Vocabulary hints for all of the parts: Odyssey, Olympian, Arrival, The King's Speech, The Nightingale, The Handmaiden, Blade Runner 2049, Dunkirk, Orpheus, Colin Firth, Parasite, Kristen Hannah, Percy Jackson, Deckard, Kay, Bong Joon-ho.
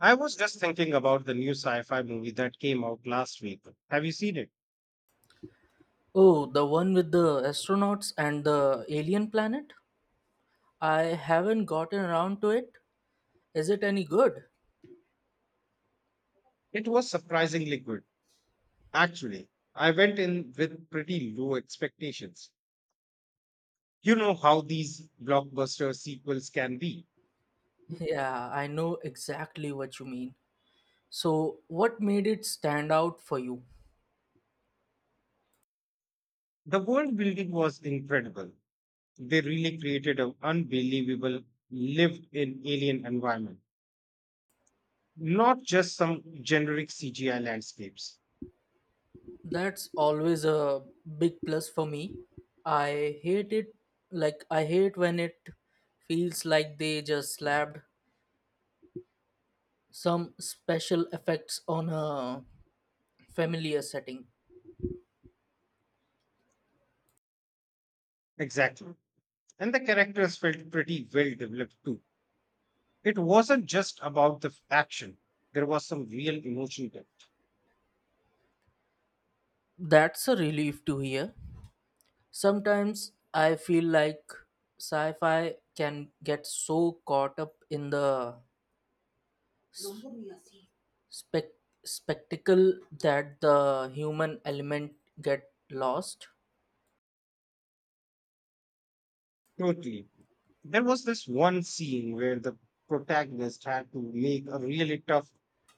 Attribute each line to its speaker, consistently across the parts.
Speaker 1: I was just thinking about the new sci fi movie that came out last week. Have you seen it?
Speaker 2: Oh, the one with the astronauts and the alien planet? I haven't gotten around to it. Is it any good?
Speaker 1: It was surprisingly good. Actually, I went in with pretty low expectations. You know how these blockbuster sequels can be.
Speaker 2: Yeah, I know exactly what you mean. So, what made it stand out for you?
Speaker 1: The world building was incredible. They really created an unbelievable lived in alien environment, not just some generic CGI landscapes.
Speaker 2: That's always a big plus for me. I hate it, like, I hate when it feels like they just slapped some special effects on a familiar setting.
Speaker 1: Exactly. And the characters felt pretty well developed too. It wasn't just about the action. There was some real emotion there.
Speaker 2: That's a relief to hear. Sometimes I feel like sci fi can get so caught up in the spec- spectacle that the human element get lost.
Speaker 1: Totally. There was this one scene where the protagonist had to make a really tough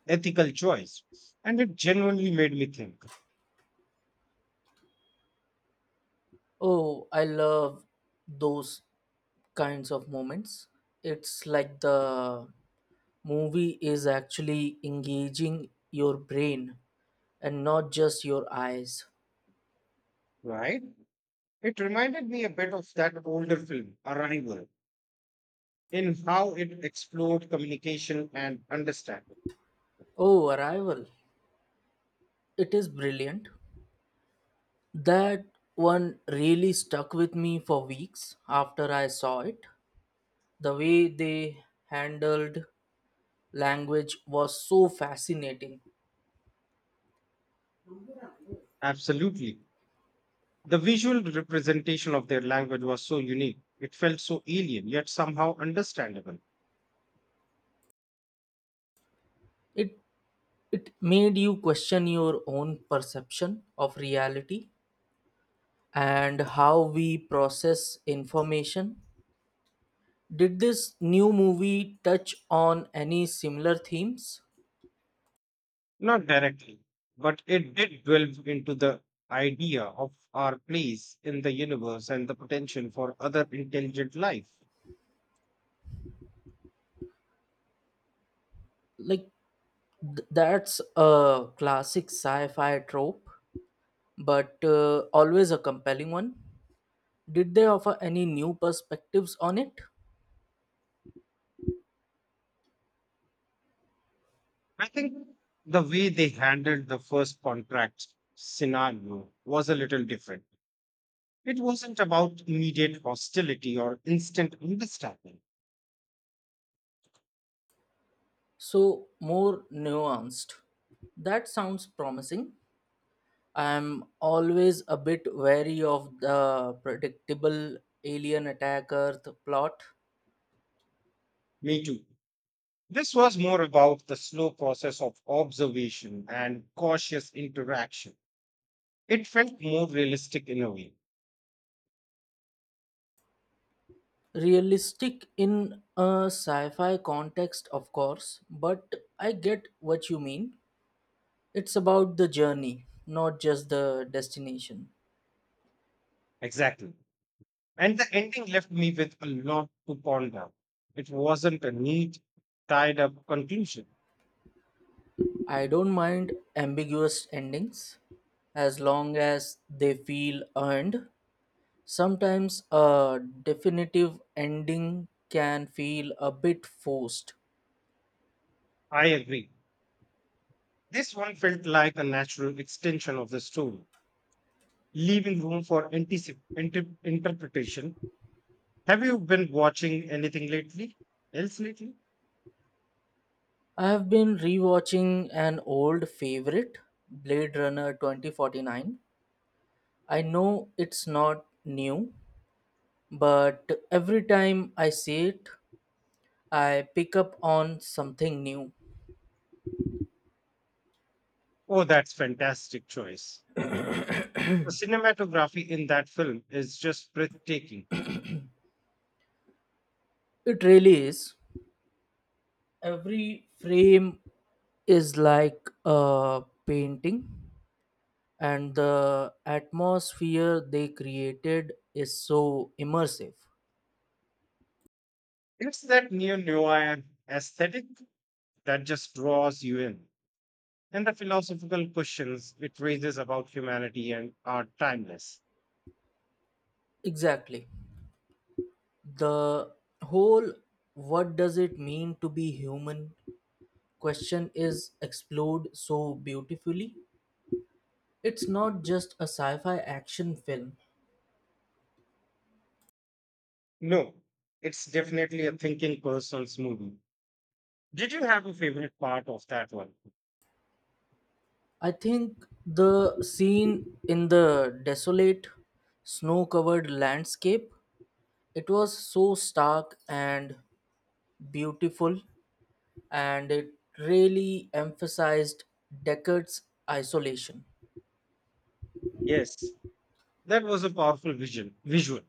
Speaker 1: ethical choice. And it genuinely made me think,
Speaker 2: Oh, I love those kinds of moments. It's like the movie is actually engaging your brain and not just your eyes.
Speaker 1: right? It reminded me a bit of that older film, Arrival, in how it explored communication and understanding.
Speaker 2: Oh, Arrival. It is brilliant. That one really stuck with me for weeks after I saw it. The way they handled language was so fascinating.
Speaker 1: Absolutely. The visual representation of their language was so unique. It felt so alien, yet somehow understandable.
Speaker 2: It it made you question your own perception of reality and how we process information. Did this new movie touch on any similar themes?
Speaker 1: Not directly, but it did delve into the idea of our place in the universe and the potential for other intelligent life.
Speaker 2: Like that's a classic sci-fi trope, but always a compelling one. Did they offer any new perspectives on it?
Speaker 1: I think the way they handled the first contract scenario was a little different. It wasn't about immediate hostility or instant understanding.
Speaker 2: So, more nuanced. That sounds promising. I am always a bit wary of the predictable alien attack Earth plot.
Speaker 1: Me too. This was more about the slow process of observation and cautious interaction. It felt more realistic in a way.
Speaker 2: Realistic in a sci fi context, of course, but I get what you mean. It's about the journey, not just the destination.
Speaker 1: Exactly. And the ending left me with a lot to ponder. It wasn't a neat, tied up conclusion.
Speaker 2: I don't mind ambiguous endings as long as they feel earned. Sometimes a definitive ending can feel a bit forced.
Speaker 1: I agree. This one felt like a natural extension of the story, leaving room for interpretation. Have you been watching anything lately? Else lately?
Speaker 2: I have been rewatching an old favorite, Blade Runner 2049. I know it's not new, but every time I see it, I pick up on something new.
Speaker 1: Oh, that's fantastic choice. The cinematography in that film is just breathtaking.
Speaker 2: It really is. Every frame is like a painting, and the atmosphere they created is so immersive.
Speaker 1: It's that neo-noir aesthetic that just draws you in. And the philosophical questions it raises about humanity and are timeless.
Speaker 2: Exactly. The whole what does it mean to be human question is explored so beautifully. It's not just a sci fi action film.
Speaker 1: No, it's definitely a thinking person's movie. Did you have a favorite part of that one?
Speaker 2: I think the scene in the desolate, snow covered landscape, it was so stark and beautiful and it really emphasized Deckard's isolation.
Speaker 1: Yes, that was a powerful visual.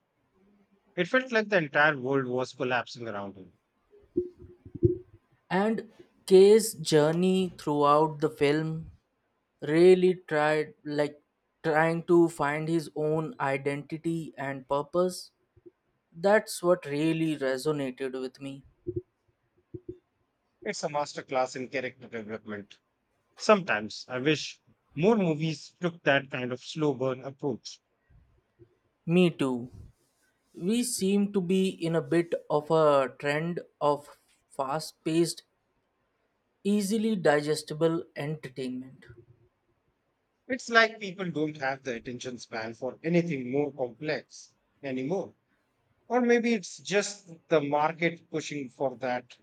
Speaker 1: It felt like the entire world was collapsing around him.
Speaker 2: And Kay's journey throughout the film really tried like trying to find his own identity and purpose. That's what really resonated with me.
Speaker 1: It's a masterclass in character development. Sometimes I wish more movies took that kind of slow burn approach.
Speaker 2: Me too. We seem to be in a bit of a trend of fast paced, easily digestible entertainment.
Speaker 1: It's like people don't have the attention span for anything more complex anymore. Or maybe it's just the market pushing for that.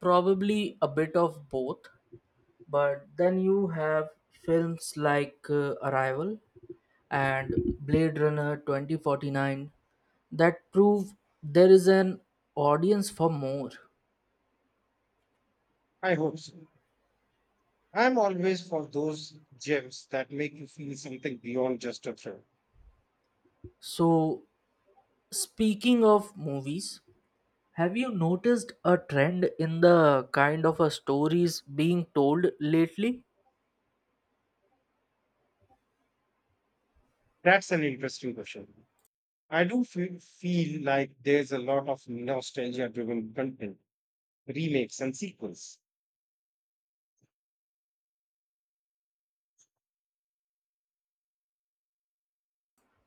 Speaker 2: Probably a bit of both. But then you have films like Arrival and Blade Runner 2049 that prove there is an audience for more.
Speaker 1: I hope so. I'm always for those gems that make you feel something beyond just a thrill.
Speaker 2: So, speaking of movies, have you noticed a trend in the kind of a stories being told lately?
Speaker 1: That's an interesting question. I do feel like there's a lot of nostalgia driven content, remakes, and sequels.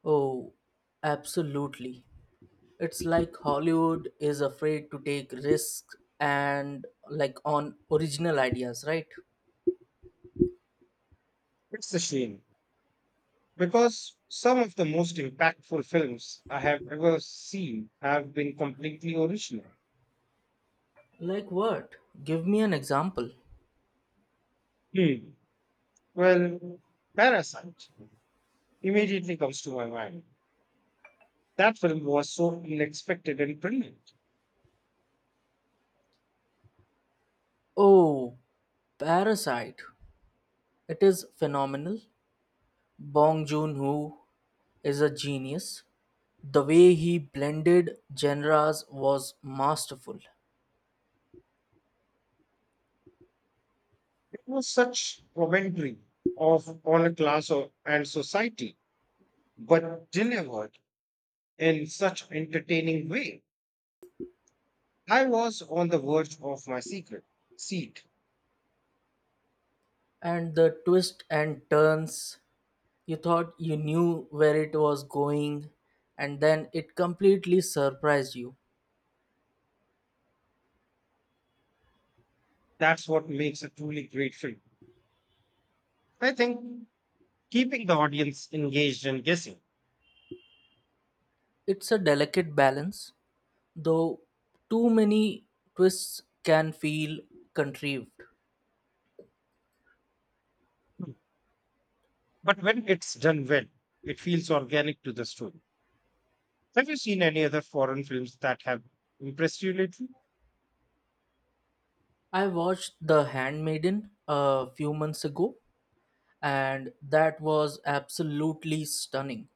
Speaker 2: Oh, absolutely. It's like Hollywood is afraid to take risks and like on original ideas, right?
Speaker 1: It's a shame because some of the most impactful films I have ever seen have been completely original.
Speaker 2: Like what? Give me an example.
Speaker 1: Hmm. Well, Parasite immediately comes to my mind. That film was so unexpected and brilliant.
Speaker 2: Oh, Parasite. It is phenomenal. Bong Joon-ho is a genius. The way he blended genres was masterful.
Speaker 1: It was such commentary of on a and society, but delivered in such entertaining way. I was on the verge of my secret seat.
Speaker 2: And the twists and turns, you thought you knew where it was going, and then it completely surprised you.
Speaker 1: That's what makes a truly great film. I think keeping the audience engaged and guessing.
Speaker 2: It's a delicate balance, though too many twists can feel contrived.
Speaker 1: But when it's done well, it feels organic to the story. Have you seen any other foreign films that have impressed you lately?
Speaker 2: I watched The Handmaiden a few months ago, and that was absolutely stunning.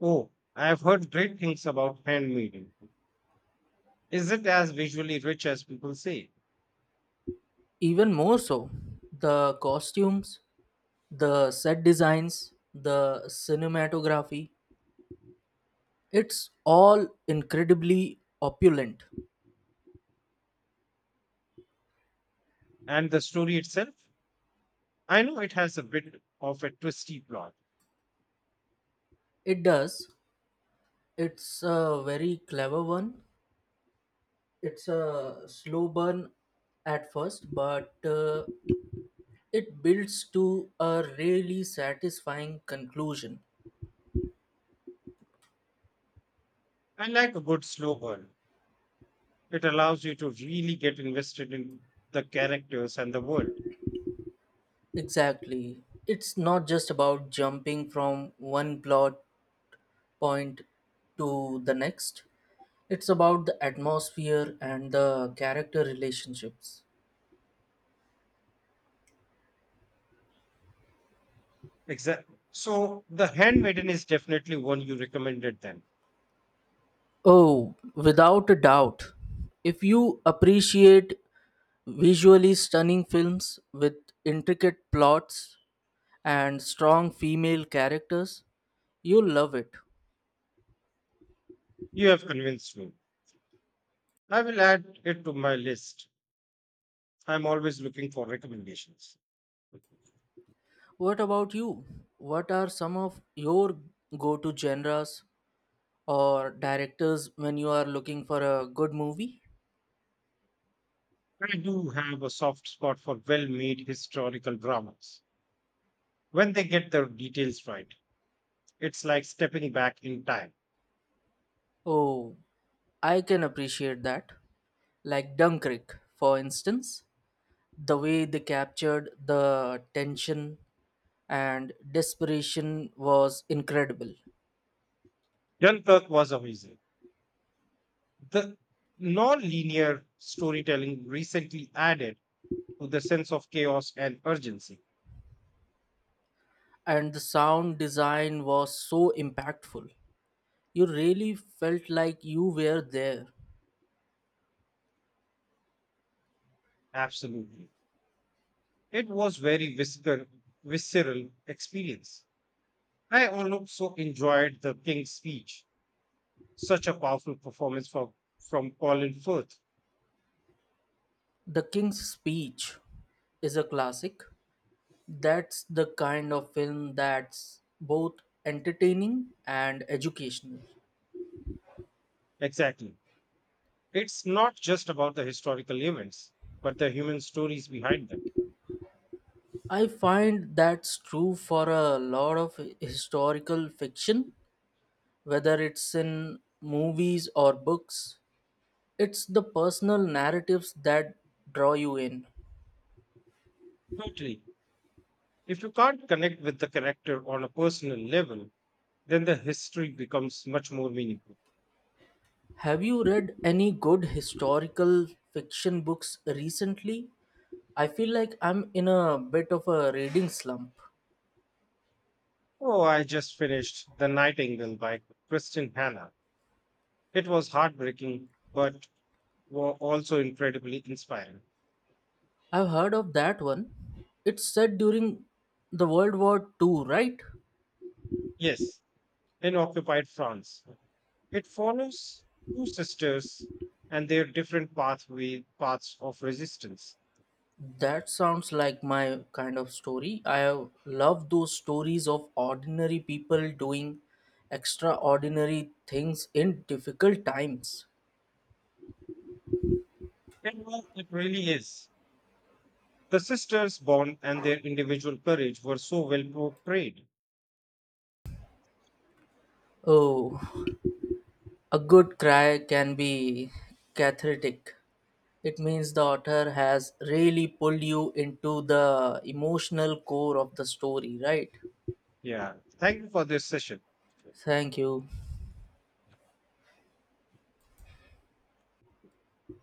Speaker 1: Oh, I've heard great things about handmaiden. Is it as visually rich as people say?
Speaker 2: Even more so, the costumes, the set designs, the cinematography, it's all incredibly opulent.
Speaker 1: And the story itself? I know it has a bit of a twisty plot.
Speaker 2: It does. It's a very clever one. It's a slow burn at first, but it builds to a really satisfying conclusion.
Speaker 1: I like a good slow burn. It allows you to really get invested in the characters and the world.
Speaker 2: Exactly. It's not just about jumping from one plot point to the next. It's about the atmosphere and the character relationships.
Speaker 1: Exactly. So the handmaiden is definitely one you recommended then.
Speaker 2: Oh, without a doubt. If you appreciate visually stunning films with intricate plots and strong female characters, you'll love it.
Speaker 1: You have convinced me. I will add it to my list. I'm always looking for recommendations.
Speaker 2: What about you? What are some of your go to genres or directors when you are looking for a good movie?
Speaker 1: I do have a soft spot for well made historical dramas. When they get the details right, it's like stepping back in time.
Speaker 2: Oh, I can appreciate that. Like Dunkirk, for instance, the way they captured the tension and desperation was incredible,
Speaker 1: Dunkirk was amazing. The non linear storytelling recently added to the sense of chaos and urgency.
Speaker 2: and the sound design was so impactful. You really felt like you were there.
Speaker 1: Absolutely. It was very visceral experience. I also enjoyed the King's speech. Such a powerful performance from Colin Firth.
Speaker 2: The King's Speech is a classic. That's the kind of film that's both entertaining and educational.
Speaker 1: Exactly. It's not just about the historical events, but the human stories behind them.
Speaker 2: I find that's true for a lot of historical fiction, whether it's in movies or books. It's the personal narratives that draw you in.
Speaker 1: Totally. If you can't connect with the character on a personal level, then the history becomes much more meaningful.
Speaker 2: Have you read any good historical fiction books recently? I feel like I'm in a bit of a reading slump.
Speaker 1: Oh, I just finished The Nightingale by Kristen Hannah. It was heartbreaking, but were also incredibly inspiring.
Speaker 2: I've heard of that one. It's set during the World War Two, right?
Speaker 1: Yes, in occupied France. It follows two sisters and their different pathway paths of resistance.
Speaker 2: That sounds like my kind of story. I have love those stories of ordinary people doing extraordinary things in difficult times.
Speaker 1: And well, it really is. The sisters' bond and their individual courage were so well portrayed.
Speaker 2: Oh, a good cry can be cathartic. It means the author has really pulled you into the emotional core of the story, right?
Speaker 1: Yeah. Thank you for this session.
Speaker 2: Thank you.